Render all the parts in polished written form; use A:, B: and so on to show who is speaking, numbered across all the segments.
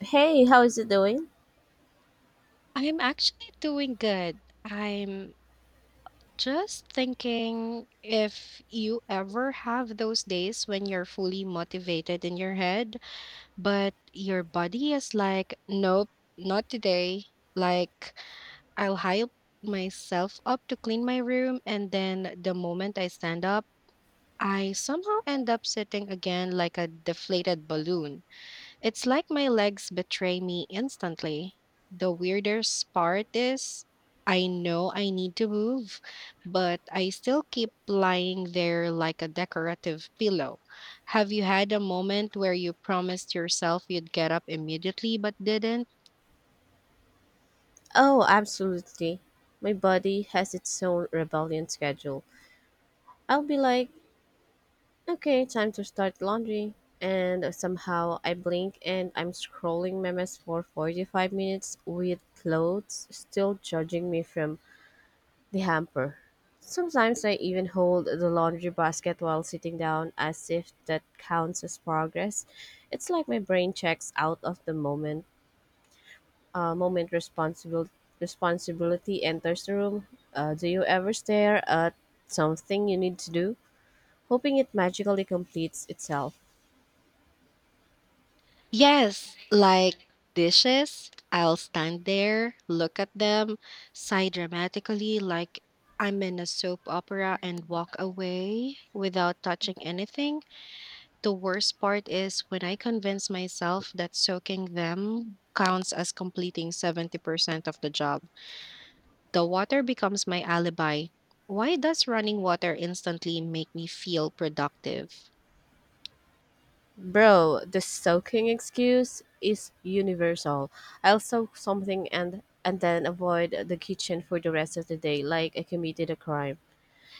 A: Hey, how is it doing?
B: I'm actually doing good. I'm just thinking if you ever have those days when you're fully motivated in your head, but your body is like, nope, not today. Like, I'll hype myself up to clean my room, and then the moment I stand up, I somehow end up sitting again like a deflated balloon. It's like my legs betray me instantly. The weirdest part is I know I need to move, but I still keep lying there like a decorative pillow. Have you had a moment where you promised yourself you'd get up immediately but didn't?
A: Oh, absolutely. My body has its own rebellion schedule. I'll be like, okay, time to start laundry. And somehow I blink and I'm scrolling memes for 45 minutes with clothes still judging me from the hamper. Sometimes I even hold the laundry basket while sitting down as if that counts as progress. It's like my brain checks out of the moment moment responsible responsibility enters the room. Do you ever stare at something you need to do, hoping it magically completes itself?
B: Yes, like dishes. I'll stand there, look at them, sigh dramatically like I'm in a soap opera, and walk away without touching anything. The worst part is when I convince myself that soaking them counts as completing 70% of the job. The water becomes my alibi. Why does running water instantly make me feel productive?
A: Bro, the soaking excuse is universal. I'll soak something and then avoid the kitchen for the rest of the day like I committed a crime.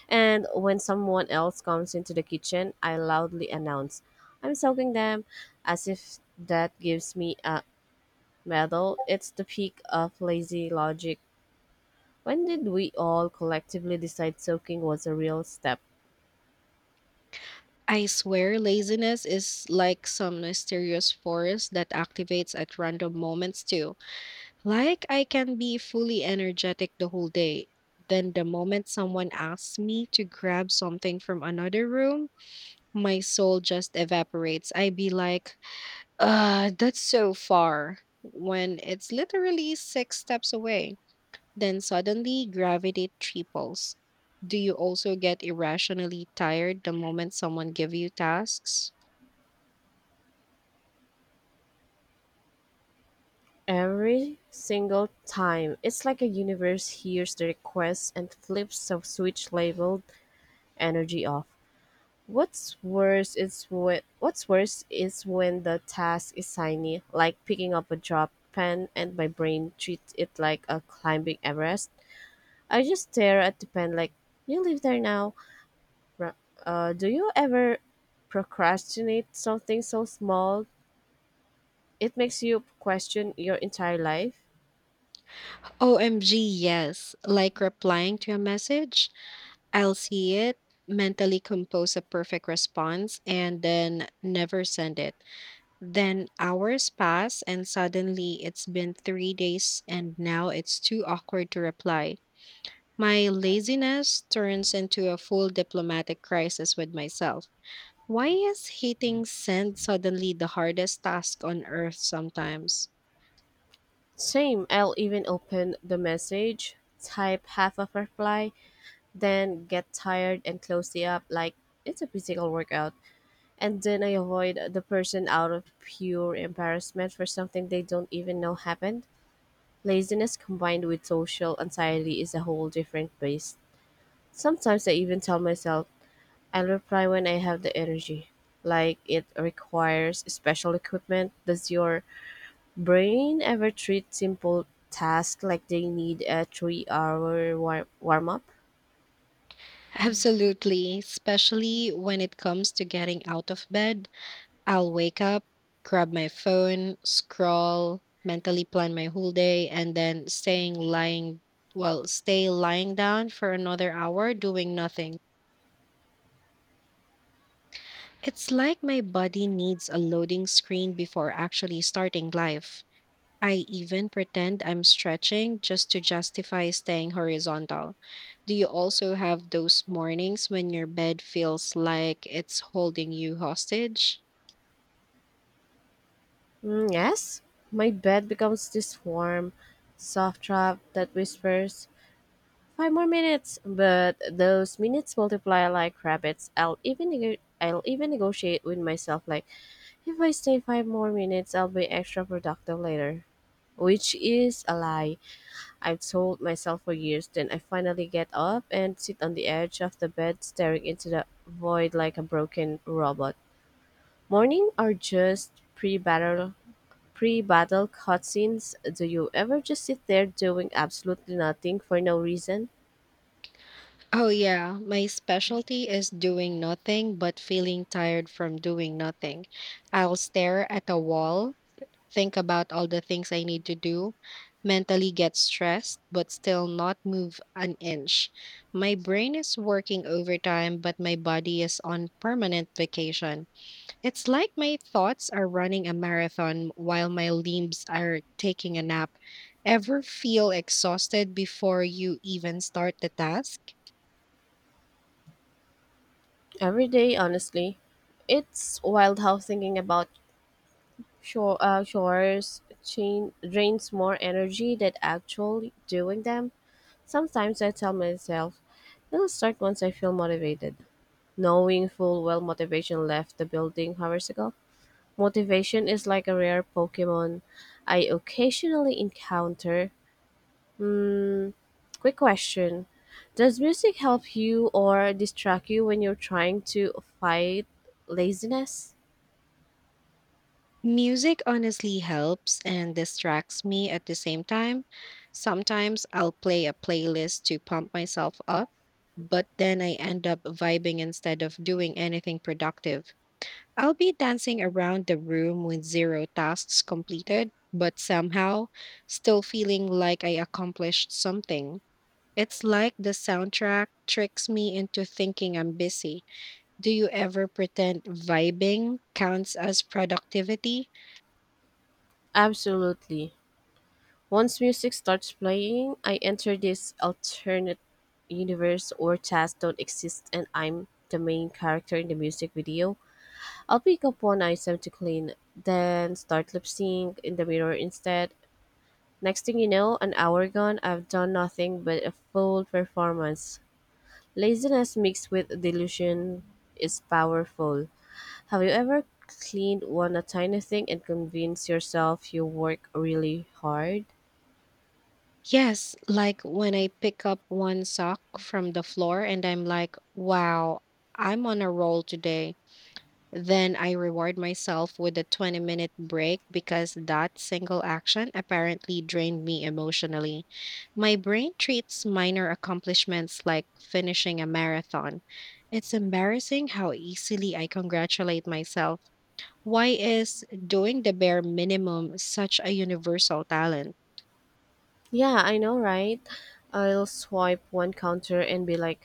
A: And when someone else comes into the kitchen, I loudly announce, "I'm soaking them," as if that gives me a Metal. It's the peak of lazy logic. When did we all collectively decide soaking was a real step?
B: I swear laziness is like some mysterious force that activates at random moments too. Like I can be fully energetic the whole day. Then the moment someone asks me to grab something from another room, my soul just evaporates. I be like, that's so far when it's literally six steps away. Then suddenly gravity triples. Do you also get irrationally tired the moment someone give you tasks?
A: Every single time. It's like a universe hears the request and flips a switch labeled energy off. What's worse is when the task is tiny, like picking up a drop pen and my brain treats it like a climbing Everest. I just stare at the pen like you live there now. Ra- do you ever procrastinate something so small it makes you question your entire life?
B: OMG, yes. Like replying to a message, I'll see it, mentally compose a perfect response, and then never send it. Then hours pass, and suddenly it's been 3 days, and now it's too awkward to reply. My laziness turns into a full diplomatic crisis with myself. Why is hitting send suddenly the hardest task on earth sometimes?
A: Same, I'll even open the message, type half of reply, then get tired and close the app like it's a physical workout. And then I avoid the person out of pure embarrassment for something they don't even know happened. Laziness combined with social anxiety is a whole different beast. Sometimes I even tell myself I'll reply when I have the energy. Like it requires special equipment. Does your brain ever treat simple tasks like they need a warm up?
B: Absolutely, especially when it comes to getting out of bed. I'll wake up, grab my phone, scroll, mentally plan my whole day, and then stay lying down for another hour doing nothing. It's like my body needs a loading screen before actually starting life. I even pretend I'm stretching just to justify staying horizontal. Do you also have those mornings when your bed feels like it's holding you hostage?
A: Mm, yes. My bed becomes this warm, soft trap that whispers, five more minutes. But those minutes multiply like rabbits. I'll even negotiate with myself like if I stay five more minutes I'll be extra productive later. Which is a lie. I've told myself for years. Then I finally get up and sit on the edge of the bed, staring into the void like a broken robot. Morning are just pre-battle cutscenes. Do you ever just sit there doing absolutely nothing for no reason?
B: Oh, yeah. My specialty is doing nothing but feeling tired from doing nothing. I'll stare at a wall think about all the things I need to do, mentally get stressed, but still not move an inch. My brain is working overtime, but my body is on permanent vacation. It's like my thoughts are running a marathon while my limbs are taking a nap. Ever feel exhausted before you even start the task?
A: Every day, honestly. It's wild how thinking about drains more energy than actually doing them. Sometimes I tell myself, it'll start once I feel motivated. Knowing full well motivation left the building hours ago. Motivation is like a rare Pokemon I occasionally encounter. Hmm, Quick question. Does music help you or distract you when you're trying to fight laziness?
B: Music honestly helps and distracts me at the same time. Sometimes I'll play a playlist to pump myself up, but then I end up vibing instead of doing anything productive. I'll be dancing around the room with zero tasks completed, but somehow still feeling like I accomplished something. It's like the soundtrack tricks me into thinking I'm busy. Do you ever pretend vibing counts as productivity?
A: Absolutely. Once music starts playing, I enter this alternate universe or tasks don't exist and I'm the main character in the music video. I'll pick up one item to clean, then start lip sync in the mirror instead. Next thing you know, an hour gone, I've done nothing but a full performance. Laziness mixed with delusion is powerful. Have you ever cleaned one a tiny thing and convinced yourself you work really hard?
B: Yes, like when I pick up one sock from the floor and I'm like, wow, I'm on a roll today. Then I reward myself with a 20-minute break because that single action apparently drained me emotionally. My brain treats minor accomplishments like finishing a marathon. It's embarrassing how easily I congratulate myself. Why is doing the bare minimum such a universal talent?
A: Yeah, I know, right? I'll swipe one counter and be like,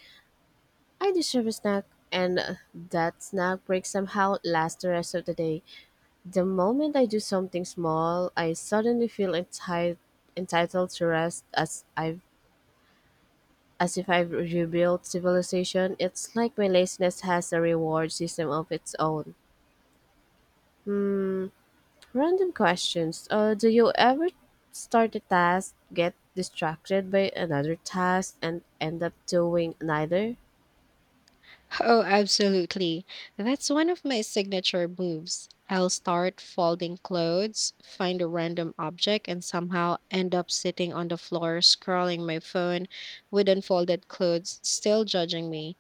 A: I deserve a snack, and that snack break somehow lasts the rest of the day. The moment I do something small, I suddenly feel entitled to rest as if I've rebuilt civilization. It's like my laziness has a reward system of its own. Random questions. Do you ever start a task, get distracted by another task, and end up doing neither?
B: Oh, absolutely. That's one of my signature moves. I'll start folding clothes, find a random object, and somehow end up sitting on the floor scrolling my phone with unfolded clothes still judging me.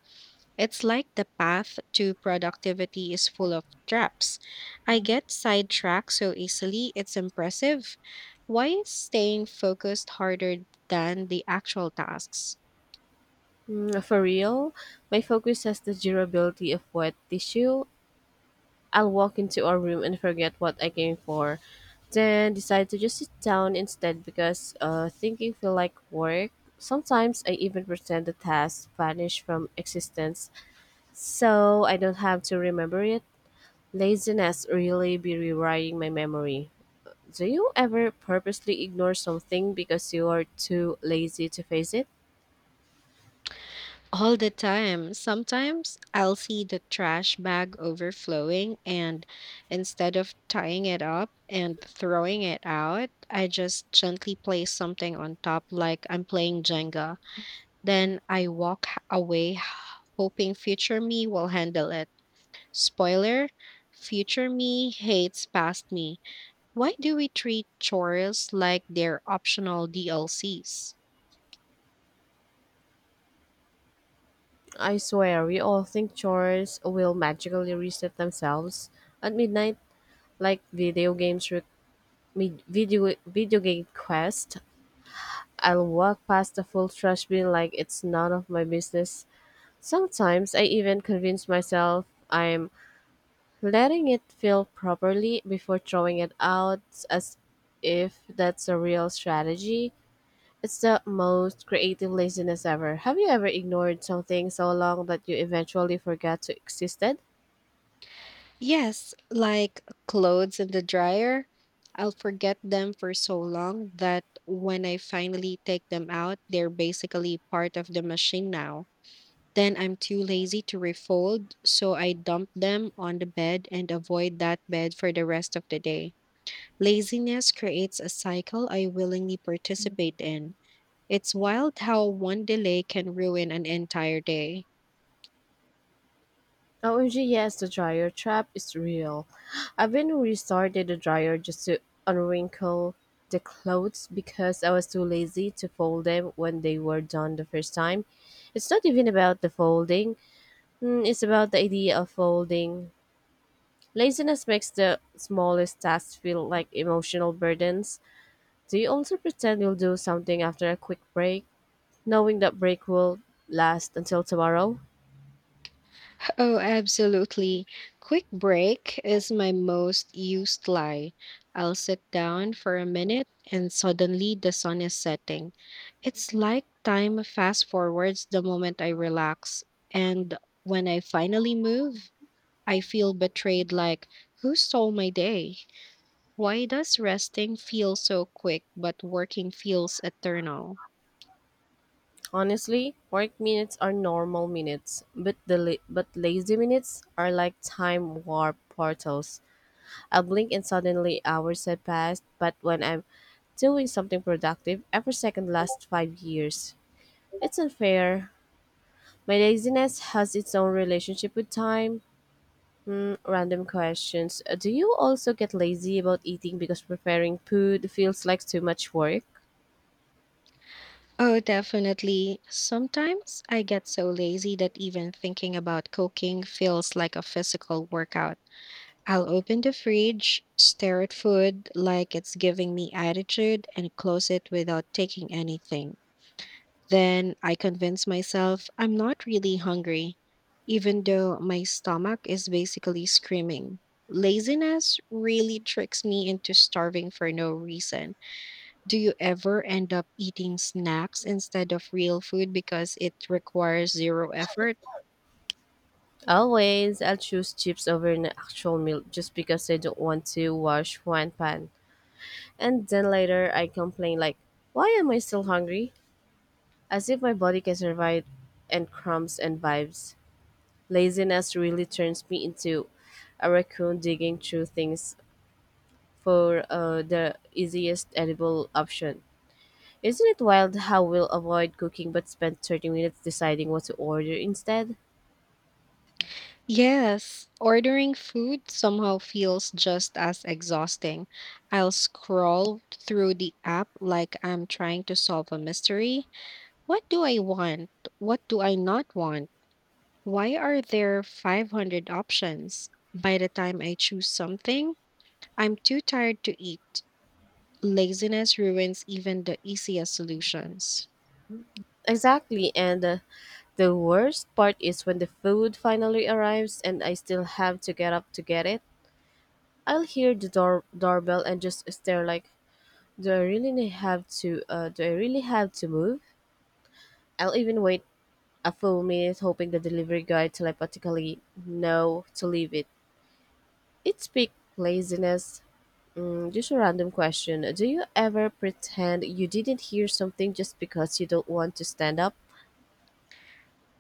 B: It's like the path to productivity is full of traps. I get sidetracked so easily, it's impressive. Why is staying focused harder than the actual tasks?
A: For real, my focus has the durability of wet tissue. I'll walk into a room and forget what I came for, then decide to just sit down instead because thinking feel like work. Sometimes I even pretend the task vanished from existence so I don't have to remember it. Laziness really be rewriting my memory. Do you ever purposely ignore something because you are too lazy to face it?
B: All the time. Sometimes I'll see the trash bag overflowing, and instead of tying it up and throwing it out, I just gently place something on top like I'm playing Jenga. Then I walk away, hoping future me will handle it. Spoiler, future me hates past me. Why do we treat chores like they're optional DLCs?
A: I swear, we all think chores will magically reset themselves at midnight, like video games re- mid- video video game quest, I'll walk past the full trash bin like it's none of my business. Sometimes I even convince myself I'm letting it fill properly before throwing it out as if that's a real strategy. It's the most creative laziness ever. Have you ever ignored something so long that you eventually forgot to existed?
B: Yes, like clothes in the dryer, I'll forget them for so long that when I finally take them out, they're basically part of the machine now. Then I'm too lazy to refold, so I dump them on the bed and avoid that bed for the rest of the day. Laziness creates a cycle I willingly participate in. It's wild how one delay can ruin an entire day.
A: OMG, yes, the dryer trap is real. I've been restarted the dryer just to unwrinkle the clothes because I was too lazy to fold them when they were done the first time. It's not even about the folding, it's about the idea of folding. Laziness makes the smallest tasks feel like emotional burdens. Do you also pretend you'll do something after a quick break, knowing that break will last until tomorrow?
B: Oh, absolutely. Quick break is my most used lie. I'll sit down for a minute and suddenly the sun is setting. It's like time fast forwards the moment I relax. And when I finally move, I feel betrayed like, who stole my day? Why does resting feel so quick but working feels eternal?
A: Honestly, work minutes are normal minutes, but lazy minutes are like time warp portals. I blink and suddenly hours have passed, but when I'm doing something productive, every second lasts 5 years. It's unfair. My laziness has its own relationship with time. Random questions. Do you also get lazy about eating because preparing food feels like too much work?
B: Oh, definitely. Sometimes I get so lazy that even thinking about cooking feels like a physical workout. I'll open the fridge, stare at food like it's giving me attitude, and close it without taking anything. Then I convince myself I'm not really hungry, even though my stomach is basically screaming. Laziness really tricks me into starving for no reason. Do you ever end up eating snacks instead of real food because it requires zero effort?
A: Always, I'll choose chips over an actual meal just because I don't want to wash one pan. And then later, I complain like, why am I still hungry? As if my body can survive and crumbs and vibes. Laziness really turns me into a raccoon digging through things for the easiest edible option. Isn't it wild how we'll avoid cooking but spend 30 minutes deciding what to order instead?
B: Yes, ordering food somehow feels just as exhausting. I'll scroll through the app like I'm trying to solve a mystery. What do I want? What do I not want? Why are there 500 options? By the time I choose something, I'm too tired to eat. Laziness ruins even the easiest solutions.
A: Exactly, and the worst part is when the food finally arrives and I still have to get up to get it. I'll hear the doorbell and just stare like, do I really have to? Do I really have to move? I'll even wait a full minute, hoping the delivery guy telepathically know to leave it. It's peak laziness. Just a random question. Do you ever pretend you didn't hear something just because you don't want to stand up?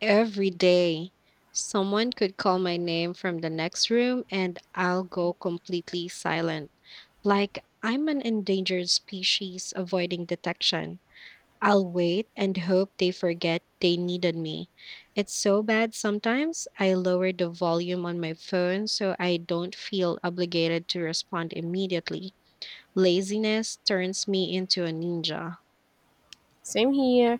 B: Every day, someone could call my name from the next room and I'll go completely silent. Like I'm an endangered species avoiding detection. I'll wait and hope they forget they needed me. It's so bad sometimes, I lower the volume on my phone so I don't feel obligated to respond immediately. Laziness turns me into a ninja.
A: Same here.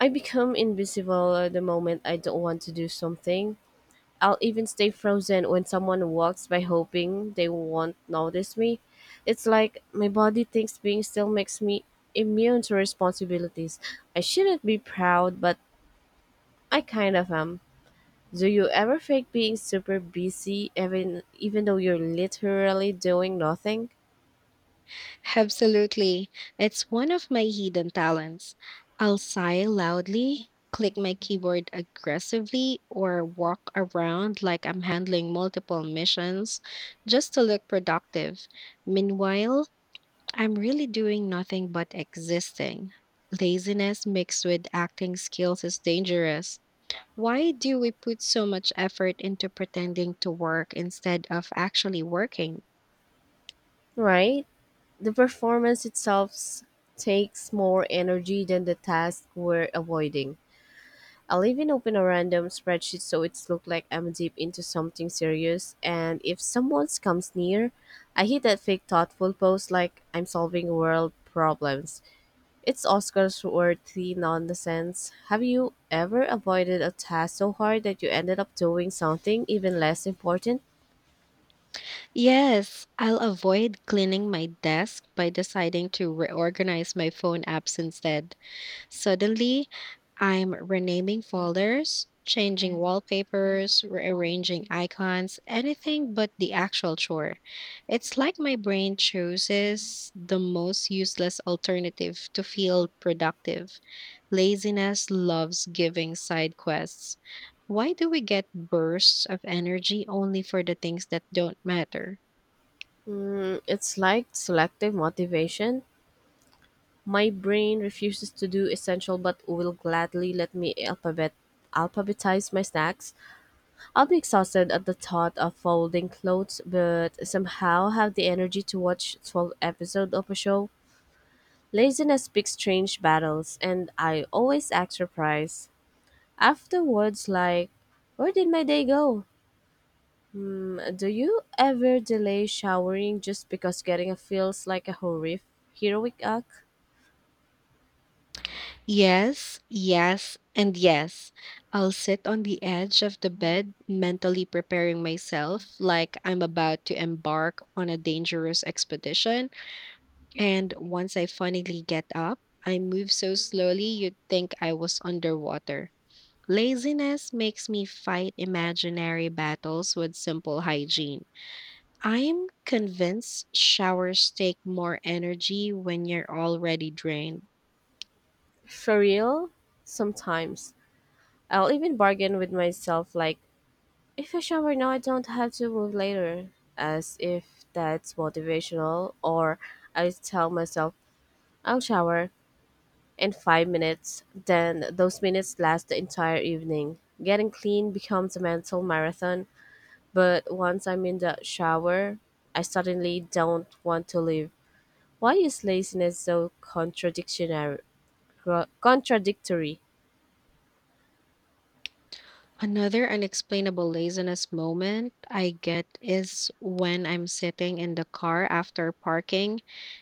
A: I become invisible the moment I don't want to do something. I'll even stay frozen when someone walks by hoping they won't notice me. It's like my body thinks being still makes me immune to responsibilities. I shouldn't be proud, but I kind of am. Do you ever fake being super busy even though you're literally doing nothing?
B: Absolutely. It's one of my hidden talents. I'll sigh loudly, click my keyboard aggressively, or walk around like I'm handling multiple missions just to look productive. Meanwhile, I'm really doing nothing but existing. Laziness mixed with acting skills is dangerous. Why do we put so much effort into pretending to work instead of actually working?
A: Right? The performance itself s- takes more energy than the task we're avoiding. I'll even open a random spreadsheet so it's look like I'm deep into something serious. And if someone comes near, I hit that fake thoughtful pose like I'm solving world problems. It's Oscar's worthy nonsense. Have you ever avoided a task so hard that you ended up doing something even less important?
B: Yes, I'll avoid cleaning my desk by deciding to reorganize my phone apps instead. Suddenly, I'm renaming folders, changing wallpapers, rearranging icons, anything but the actual chore. It's like my brain chooses the most useless alternative to feel productive. Laziness loves giving side quests. Why do we get bursts of energy only for the things that don't matter?
A: It's like selective motivation. My brain refuses to do essential but will gladly let me alphabetize my snacks. I'll be exhausted at the thought of folding clothes, but somehow have the energy to watch 12 episodes of a show. Laziness picks strange battles, and I always act surprised. Afterwards, like, where did my day go? Do you ever delay showering just because getting a feels like a horrific heroic act?
B: Yes, yes, and yes. I'll sit on the edge of the bed, mentally preparing myself like I'm about to embark on a dangerous expedition. And once I finally get up, I move so slowly you'd think I was underwater. Laziness makes me fight imaginary battles with simple hygiene. I'm convinced showers take more energy when you're already drained.
A: For real? Sometimes. I'll even bargain with myself like if I shower now, I don't have to move later, as if that's motivational, or I tell myself, I'll shower in 5 minutes, then those minutes last the entire evening. Getting clean becomes a mental marathon, but once I'm in the shower, I suddenly don't want to leave. Why is laziness so contradictionary? Contradictory.
B: Another unexplainable laziness moment I get is when I'm sitting in the car after parking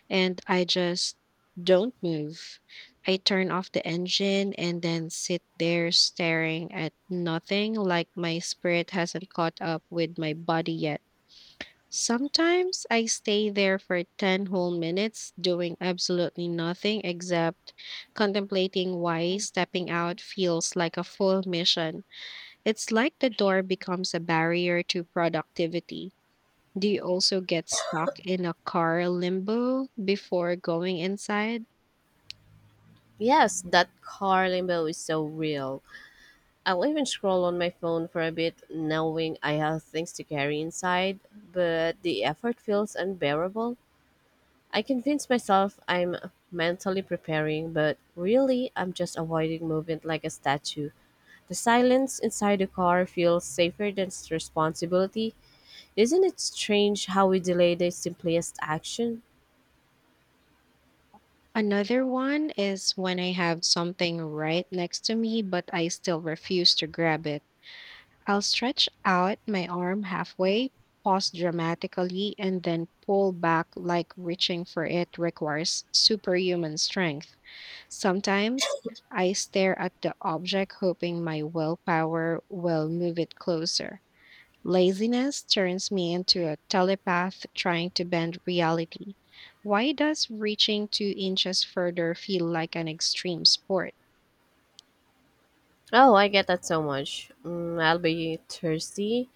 B: and I just don't move. I turn off the engine and then sit there staring at nothing like my spirit hasn't caught up with my body yet. Sometimes I stay there for 10 whole minutes doing absolutely nothing except contemplating why stepping out feels like a full mission. It's like the door becomes a barrier to productivity. Do you also get stuck in a car limbo before going inside?
A: Yes, that car limbo is so real. I'll even scroll on my phone for a bit, knowing I have things to carry inside, but the effort feels unbearable. I convince myself I'm mentally preparing, but really, I'm just avoiding movement like a statue. The silence inside the car feels safer than responsibility. Isn't it strange how we delay the simplest action?
B: Another one is when I have something right next to me, but I still refuse to grab it. I'll stretch out my arm halfway, pause dramatically, and then pull back like reaching for it requires superhuman strength. Sometimes I stare at the object, hoping my willpower will move it closer. Laziness turns me into a telepath trying to bend reality. Why does reaching 2 inches further feel like an extreme sport?
A: Oh, I get that so much. I'll be thirsty.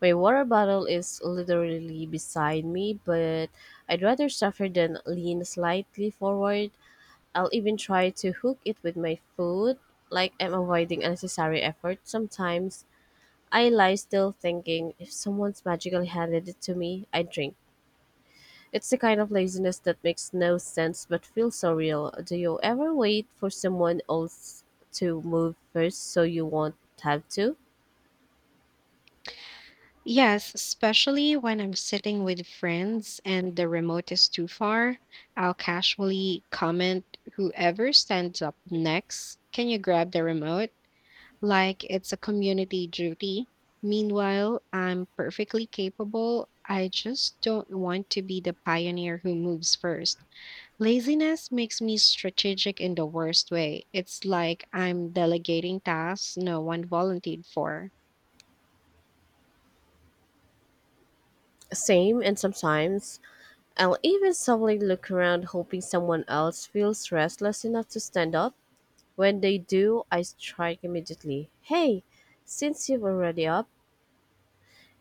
A: My water bottle is literally beside me, but I'd rather suffer than lean slightly forward. I'll even try to hook it with my foot, like I'm avoiding unnecessary effort. Sometimes I lie still thinking, if someone's magically handed it to me, I drink. It's the kind of laziness that makes no sense but feels so real. Do you ever wait for someone else to move first so you won't have to?
B: Yes, especially when I'm sitting with friends and the remote is too far, I'll casually comment, whoever stands up next, can you grab the remote? Like it's a community duty. Meanwhile, I'm perfectly capable. I just don't want to be the pioneer who moves first. Laziness makes me strategic in the worst way. It's like I'm delegating tasks no one volunteered for.
A: Same, and sometimes I'll even subtly look around hoping someone else feels restless enough to stand up. When they do, I strike immediately. Hey, since you've already up,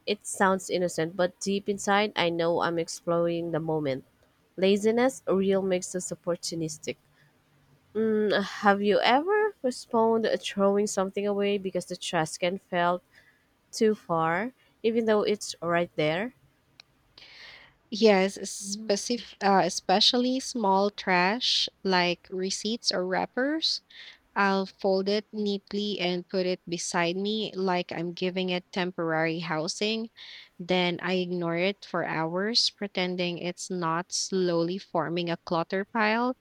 A: it sounds innocent, but deep inside, I know I'm exploring the moment. Laziness real makes us opportunistic. Have you ever postponed throwing something away because the trash can fell too far, even though it's right there?
B: Yes, especially small trash like receipts or wrappers. I'll fold it neatly and put it beside me like I'm giving it temporary housing. Then I ignore it for hours, pretending it's not slowly forming a clutter pile.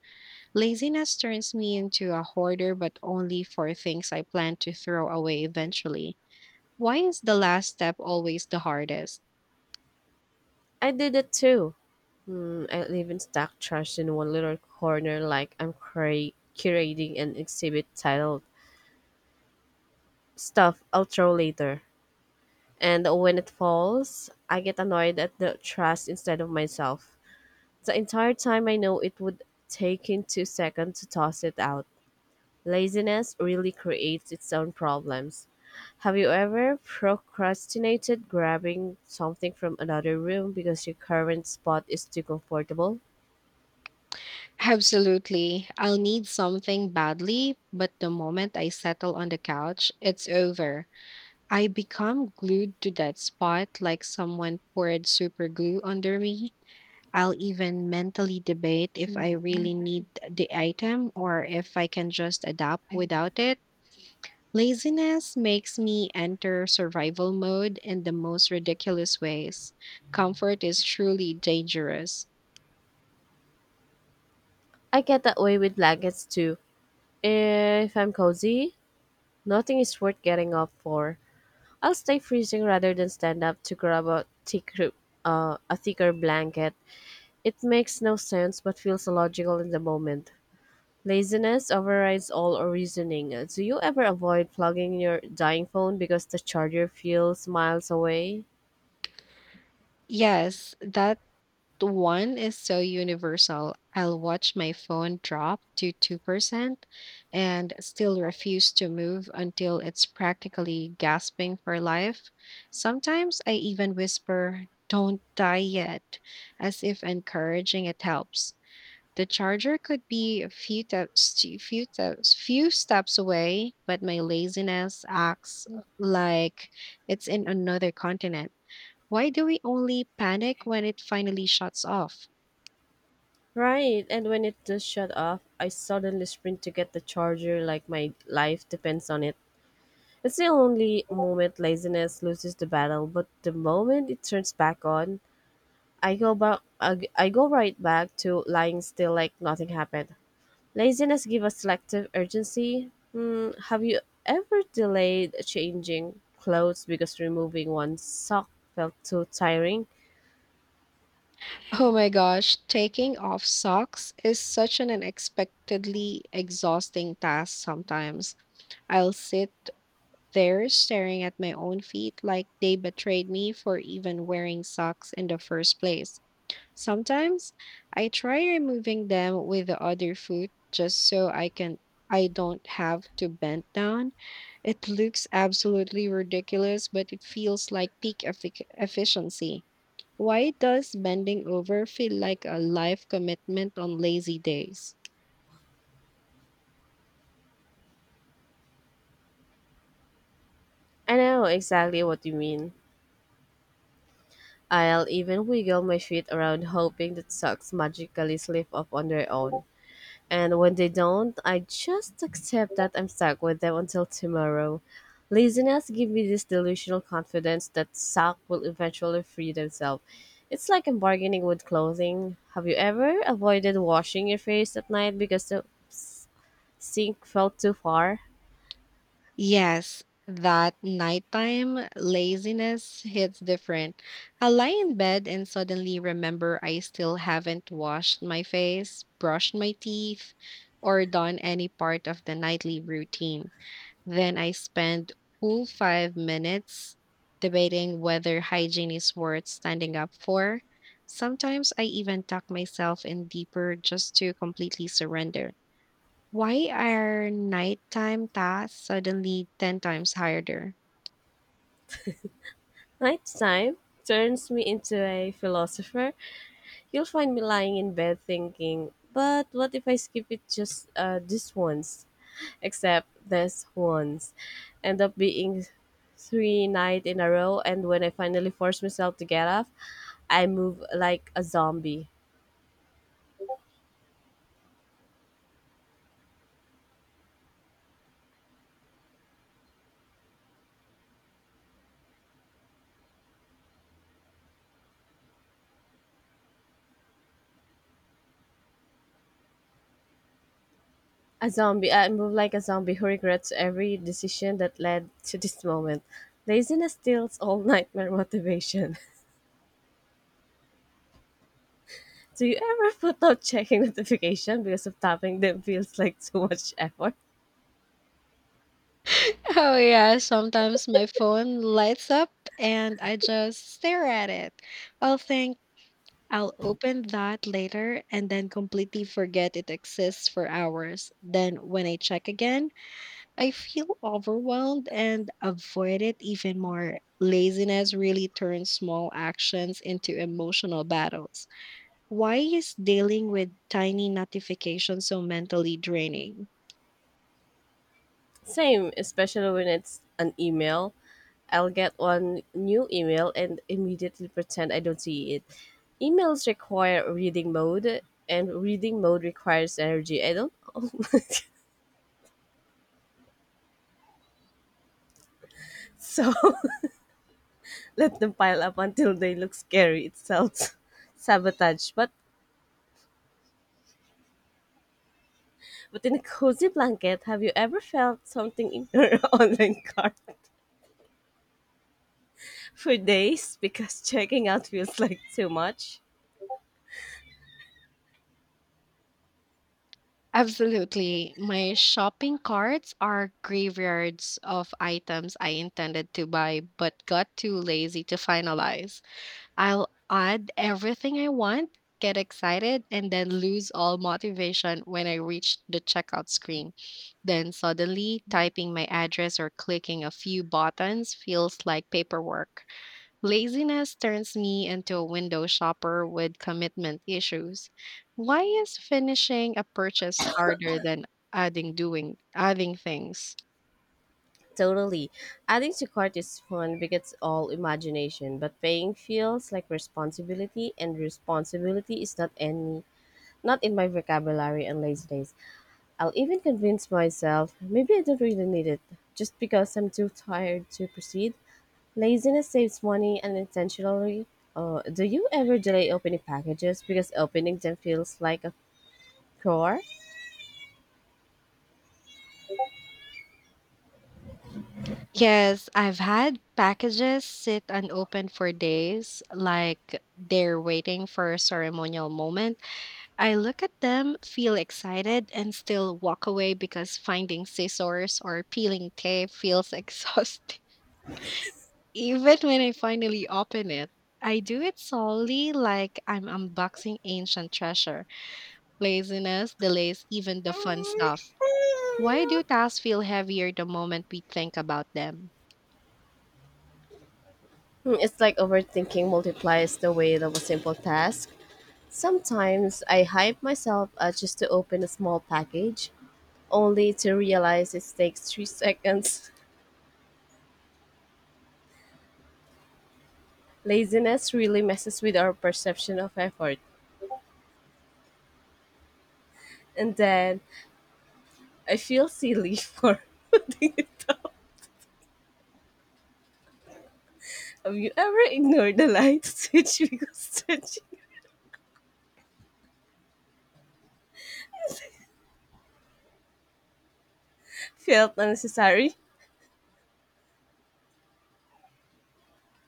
B: Laziness turns me into a hoarder, but only for things I plan to throw away eventually. Why is the last step always the hardest?
A: I did it too. I even stack trash in one little corner like I'm curating an exhibit titled Stuff I'll Throw Later. And when it falls, I get annoyed at the trash instead of myself. The entire time I know it would take in 2 seconds to toss it out. Laziness really creates its own problems. Have you ever procrastinated grabbing something from another room because your current spot is too comfortable?
B: Absolutely. I'll need something badly, but the moment I settle on the couch, it's over. I become glued to that spot like someone poured super glue under me. I'll even mentally debate if I really need the item or if I can just adapt without it. Laziness makes me enter survival mode in the most ridiculous ways. Comfort is truly dangerous.
A: I get that way with blankets too. If I'm cozy, nothing is worth getting up for. I'll stay freezing rather than stand up to grab a thicker blanket. It makes no sense but feels logical in the moment. Laziness overrides all reasoning. Do you ever avoid plugging your dying phone because the charger feels miles away?
B: Yes, that the one is so universal. I'll watch my phone drop to 2% and still refuse to move until it's practically gasping for life. Sometimes I even whisper, "Don't die yet," as if encouraging it helps. The charger could be a few steps, away, but my laziness acts like it's in another continent. Why do we only panic when it finally shuts off?
A: Right, and when it does shut off, I suddenly sprint to get the charger like my life depends on it. That's the only moment laziness loses the battle, but the moment it turns back on, I go right back to lying still like nothing happened. Laziness gives us selective urgency. Have you ever delayed changing clothes because removing one sock felt too tiring?
B: Oh my gosh, taking off socks is such an unexpectedly exhausting task sometimes. I'll sit there staring at my own feet like they betrayed me for even wearing socks in the first place. Sometimes I try removing them with the other foot just so I don't have to bend down. It looks absolutely ridiculous, but it feels like peak efficiency. Why does bending over feel like a life commitment on lazy days?
A: I know exactly what you mean. I'll even wiggle my feet around hoping that socks magically slip off on their own. And when they don't, I just accept that I'm stuck with them until tomorrow. Laziness gives me this delusional confidence that sock will eventually free themselves. It's like I'm bargaining with clothing. Have you ever avoided washing your face at night because the s- sink felt too far?
B: Yes, that nighttime laziness hits different. I lie in bed and suddenly remember I still haven't washed my face, brushed my teeth, or done any part of the nightly routine. Then I spend full 5 minutes debating whether hygiene is worth standing up for. Sometimes I even tuck myself in deeper just to completely surrender. Why are nighttime tasks suddenly 10 times harder?
A: Nighttime turns me into a philosopher. You'll find me lying in bed thinking, but what if I skip it just this once? Except this once. End up being 3 night in a row, and when I finally force myself to get off, I move like a zombie who regrets every decision that led to this moment. Laziness steals all nightmare motivation. Do you ever put out checking notification because of tapping them feels like too much effort?
B: Oh, yeah, sometimes my phone lights up and I just stare at it. I'll think I'll open that later and then completely forget it exists for hours. Then when I check again, I feel overwhelmed and avoid it even more. Laziness really turns small actions into emotional battles. Why is dealing with tiny notifications so mentally draining?
A: Same, especially when it's an email. I'll get one new email and immediately pretend I don't see it. Emails require reading mode, and reading mode requires energy. I don't. So let them pile up until they look scary itself. Sabotage. But in a cozy blanket, have you ever felt something in your online cart for days because checking out feels like too much?
B: Absolutely. My shopping carts are graveyards of items I intended to buy but got too lazy to finalize. I'll add everything I want, get excited, and then lose all motivation when I reach the checkout screen. Then suddenly, typing my address or clicking a few buttons feels like paperwork. Laziness turns me into a window shopper with commitment issues. Why is finishing a purchase harder than adding things?
A: Totally. Adding to cart is fun because it's all imagination, but paying feels like responsibility, and responsibility is not in my vocabulary on lazy days. I'll even convince myself maybe I don't really need it just because I'm too tired to proceed. Laziness saves money unintentionally. Do you ever delay opening packages because opening them feels like a chore?
B: Yes, I've had packages sit unopened for days, like they're waiting for a ceremonial moment. I look at them, feel excited, and still walk away because finding scissors or peeling tape feels exhausting. Even when I finally open it, I do it solely like I'm unboxing ancient treasure. Laziness delays even the fun stuff. Why do tasks feel heavier the moment we think about them?
A: It's like overthinking multiplies the weight of a simple task. Sometimes I hype myself up just to open a small package, only to realize it takes 3 seconds. Laziness really messes with our perception of effort. And then I feel silly for putting it up. Have you ever ignored the light switch because touching felt unnecessary?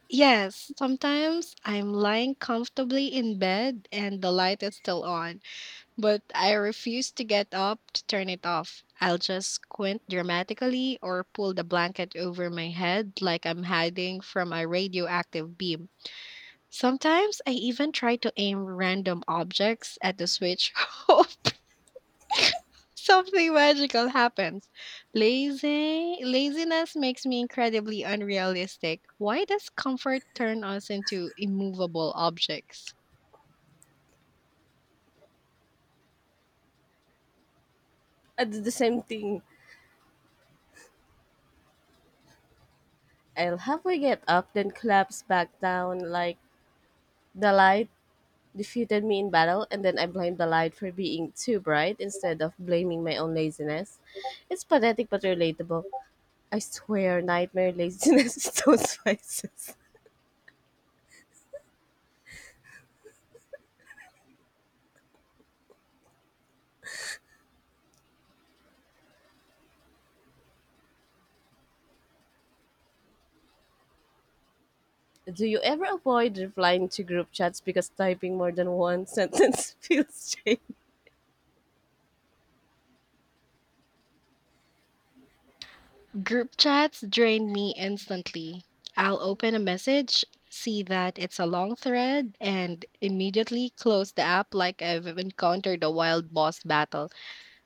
B: Yes, sometimes I'm lying comfortably in bed and the light is still on, but I refuse to get up to turn it off. I'll just squint dramatically or pull the blanket over my head like I'm hiding from a radioactive beam. Sometimes I even try to aim random objects at the switch. Something magical happens. Lazy Laziness makes me incredibly unrealistic. Why does comfort turn us into immovable objects?
A: I do the same thing. I'll halfway get up, then collapse back down like the light defeated me in battle, and then I blame the light for being too bright instead of blaming my own laziness. It's pathetic but relatable. I swear, nightmare laziness is those vices. Do you ever avoid replying to group chats because typing more than one sentence feels strange?
B: Group chats drain me instantly. I'll open a message, see that it's a long thread, and immediately close the app like I've encountered a wild boss battle.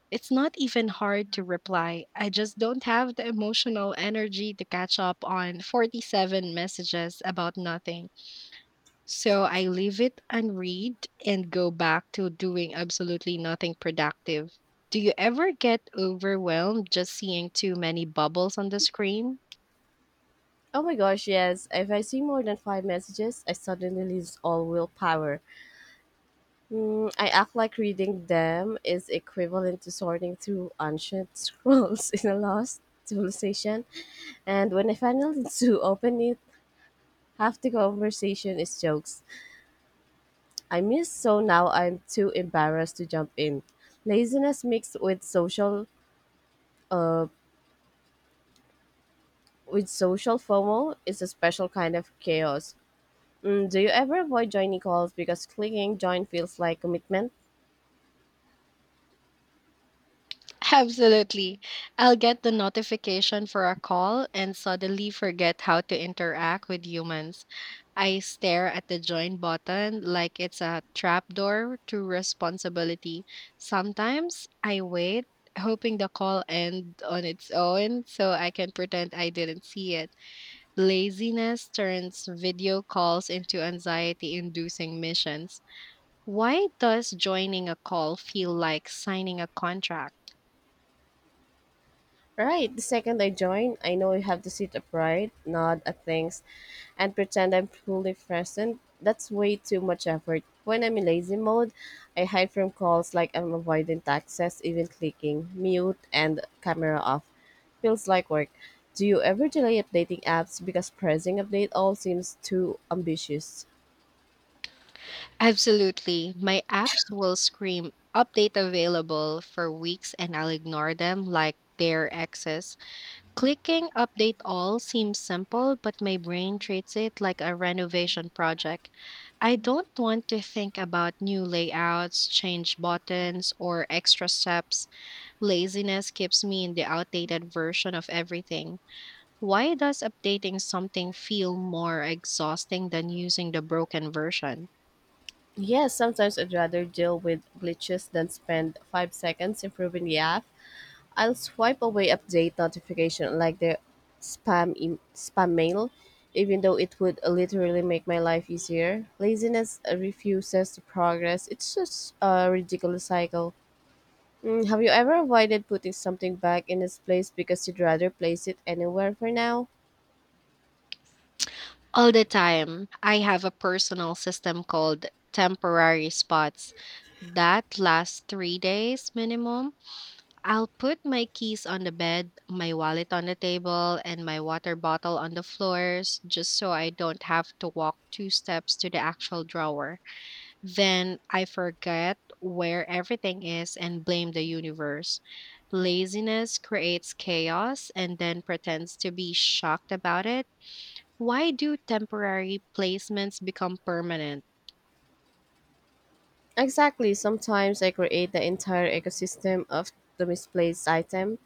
B: It's not even hard to reply. I just don't have the emotional energy to catch up on 47 messages about nothing. So I leave it unread and go back to doing absolutely nothing productive. Do you ever get overwhelmed just seeing too many bubbles on the screen?
A: Oh my gosh, yes. If I see more than five messages, I suddenly lose all willpower. I act like reading them is equivalent to sorting through ancient scrolls in a lost civilization. And when I finally do open it, half the conversation is jokes. I miss, so now I'm too embarrassed to jump in. Laziness mixed uh, with social FOMO is a special kind of chaos. Do you ever avoid joining calls because clicking join feels like commitment?
B: Absolutely. I'll get the notification for a call and suddenly forget how to interact with humans. I stare at the join button like it's a trapdoor to responsibility. Sometimes I wait, hoping the call end on its own so I can pretend I didn't see it. Laziness turns video calls into anxiety inducing missions. Why does joining a call feel like signing a contract?
A: Right, the second I join, I know I have to sit upright, nod at things, and pretend I'm fully present. That's way too much effort. When I'm in lazy mode, I hide from calls like I'm avoiding taxes, even clicking mute and camera off. Feels like work. Do you ever delay updating apps because pressing update all seems too ambitious?
B: Absolutely. My apps will scream update available for weeks and I'll ignore them like they're exes. Clicking update all seems simple, but my brain treats it like a renovation project. I don't want to think about new layouts, change buttons, or extra steps. Laziness keeps me in the outdated version of everything. Why does updating something feel more exhausting than using the broken version?
A: Yes, sometimes I'd rather deal with glitches than spend 5 seconds improving the app. I'll swipe away update notification like the spam mail, even though it would literally make my life easier. Laziness refuses to progress. It's just a ridiculous cycle. Have you ever avoided putting something back in its place because you'd rather place it anywhere for now?
B: All the time. I have a personal system called temporary spots that lasts 3 days minimum. I'll put my keys on the bed, my wallet on the table, and my water bottle on the floors just so I don't have to walk two steps to the actual drawer. Then I forget where everything is and blame the universe. Laziness creates chaos and then pretends to be shocked about it. Why do temporary placements become permanent?
A: Exactly. Sometimes I create the entire ecosystem of the misplaced item.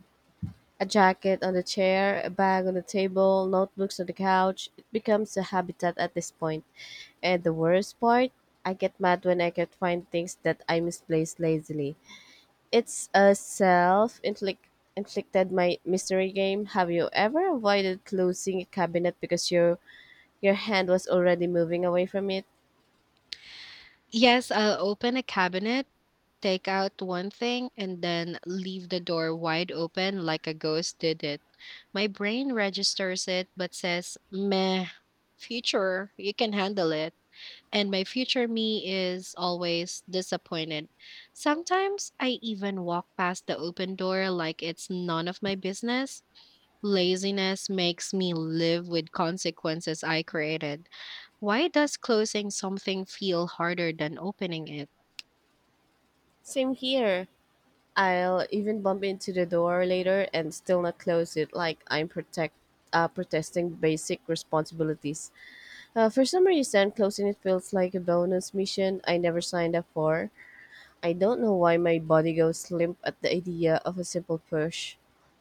A: A jacket on the chair, a bag on the table, notebooks on the couch. It becomes a habitat at this point. And the worst part, I get mad when I can't find things that I misplaced lazily. It's a self inflicted my mystery game. Have you ever avoided closing a cabinet because your hand was already moving away from it?
B: Yes, I'll open a cabinet, take out one thing, and then leave the door wide open like a ghost did it. My brain registers it but says, meh, future, you can handle it. And my future me is always disappointed. Sometimes I even walk past the open door like it's none of my business. Laziness makes me live with consequences I created. Why does closing something feel harder than opening it?
A: Same here. I'll even bump into the door later and still not close it like I'm protect protesting basic responsibilities. For some reason, closing it feels like a bonus mission I never signed up for. I don't know why my body goes limp at the idea of a simple push.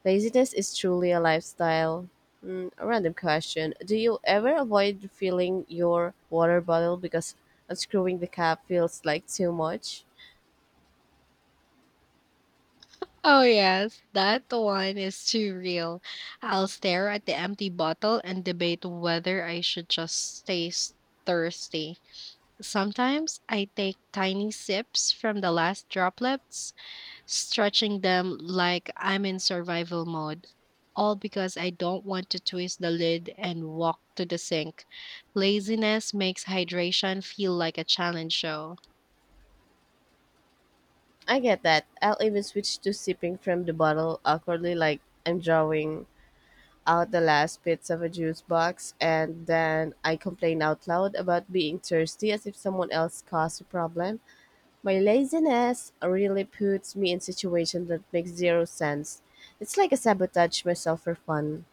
A: Laziness is truly a lifestyle. A random question. Do you ever avoid filling your water bottle because unscrewing the cap feels like too much?
B: Oh, yes, that one is too real. I'll stare at the empty bottle and debate whether I should just thirsty. Sometimes I take tiny sips from the last droplets, stretching them like I'm in survival mode. All because I don't want to twist the lid and walk to the sink. Laziness makes hydration feel like a challenge show.
A: I get that. I'll even switch to sipping from the bottle awkwardly, like I'm drawing out the last bits of a juice box, and then I complain out loud about being thirsty as if someone else caused the problem. My laziness really puts me in situations that make zero sense. It's like I sabotage myself for fun.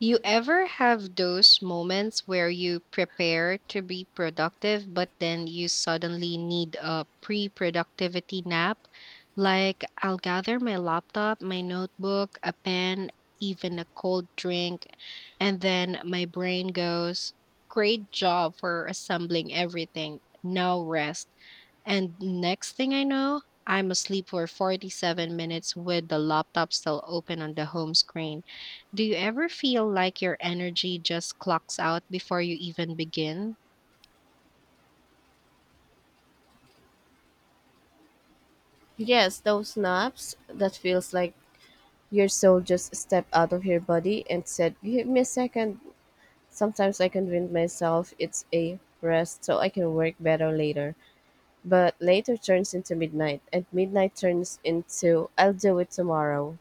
B: You ever have those moments where you prepare to be productive, but then you suddenly need a pre productivity nap? Like, I'll gather my laptop, my notebook, a pen, even a cold drink, and then my brain goes, "Great job for assembling everything. Now rest." And next thing I know, I'm asleep for 47 minutes with the laptop still open on the home screen. Do you ever feel like your energy just clocks out before you even begin?
A: Yes, those naps that feels like your soul just stepped out of your body and said, "Give me a second." Sometimes I convince myself it's a rest so I can work better later. But later turns into midnight, and midnight turns into "I'll do it tomorrow."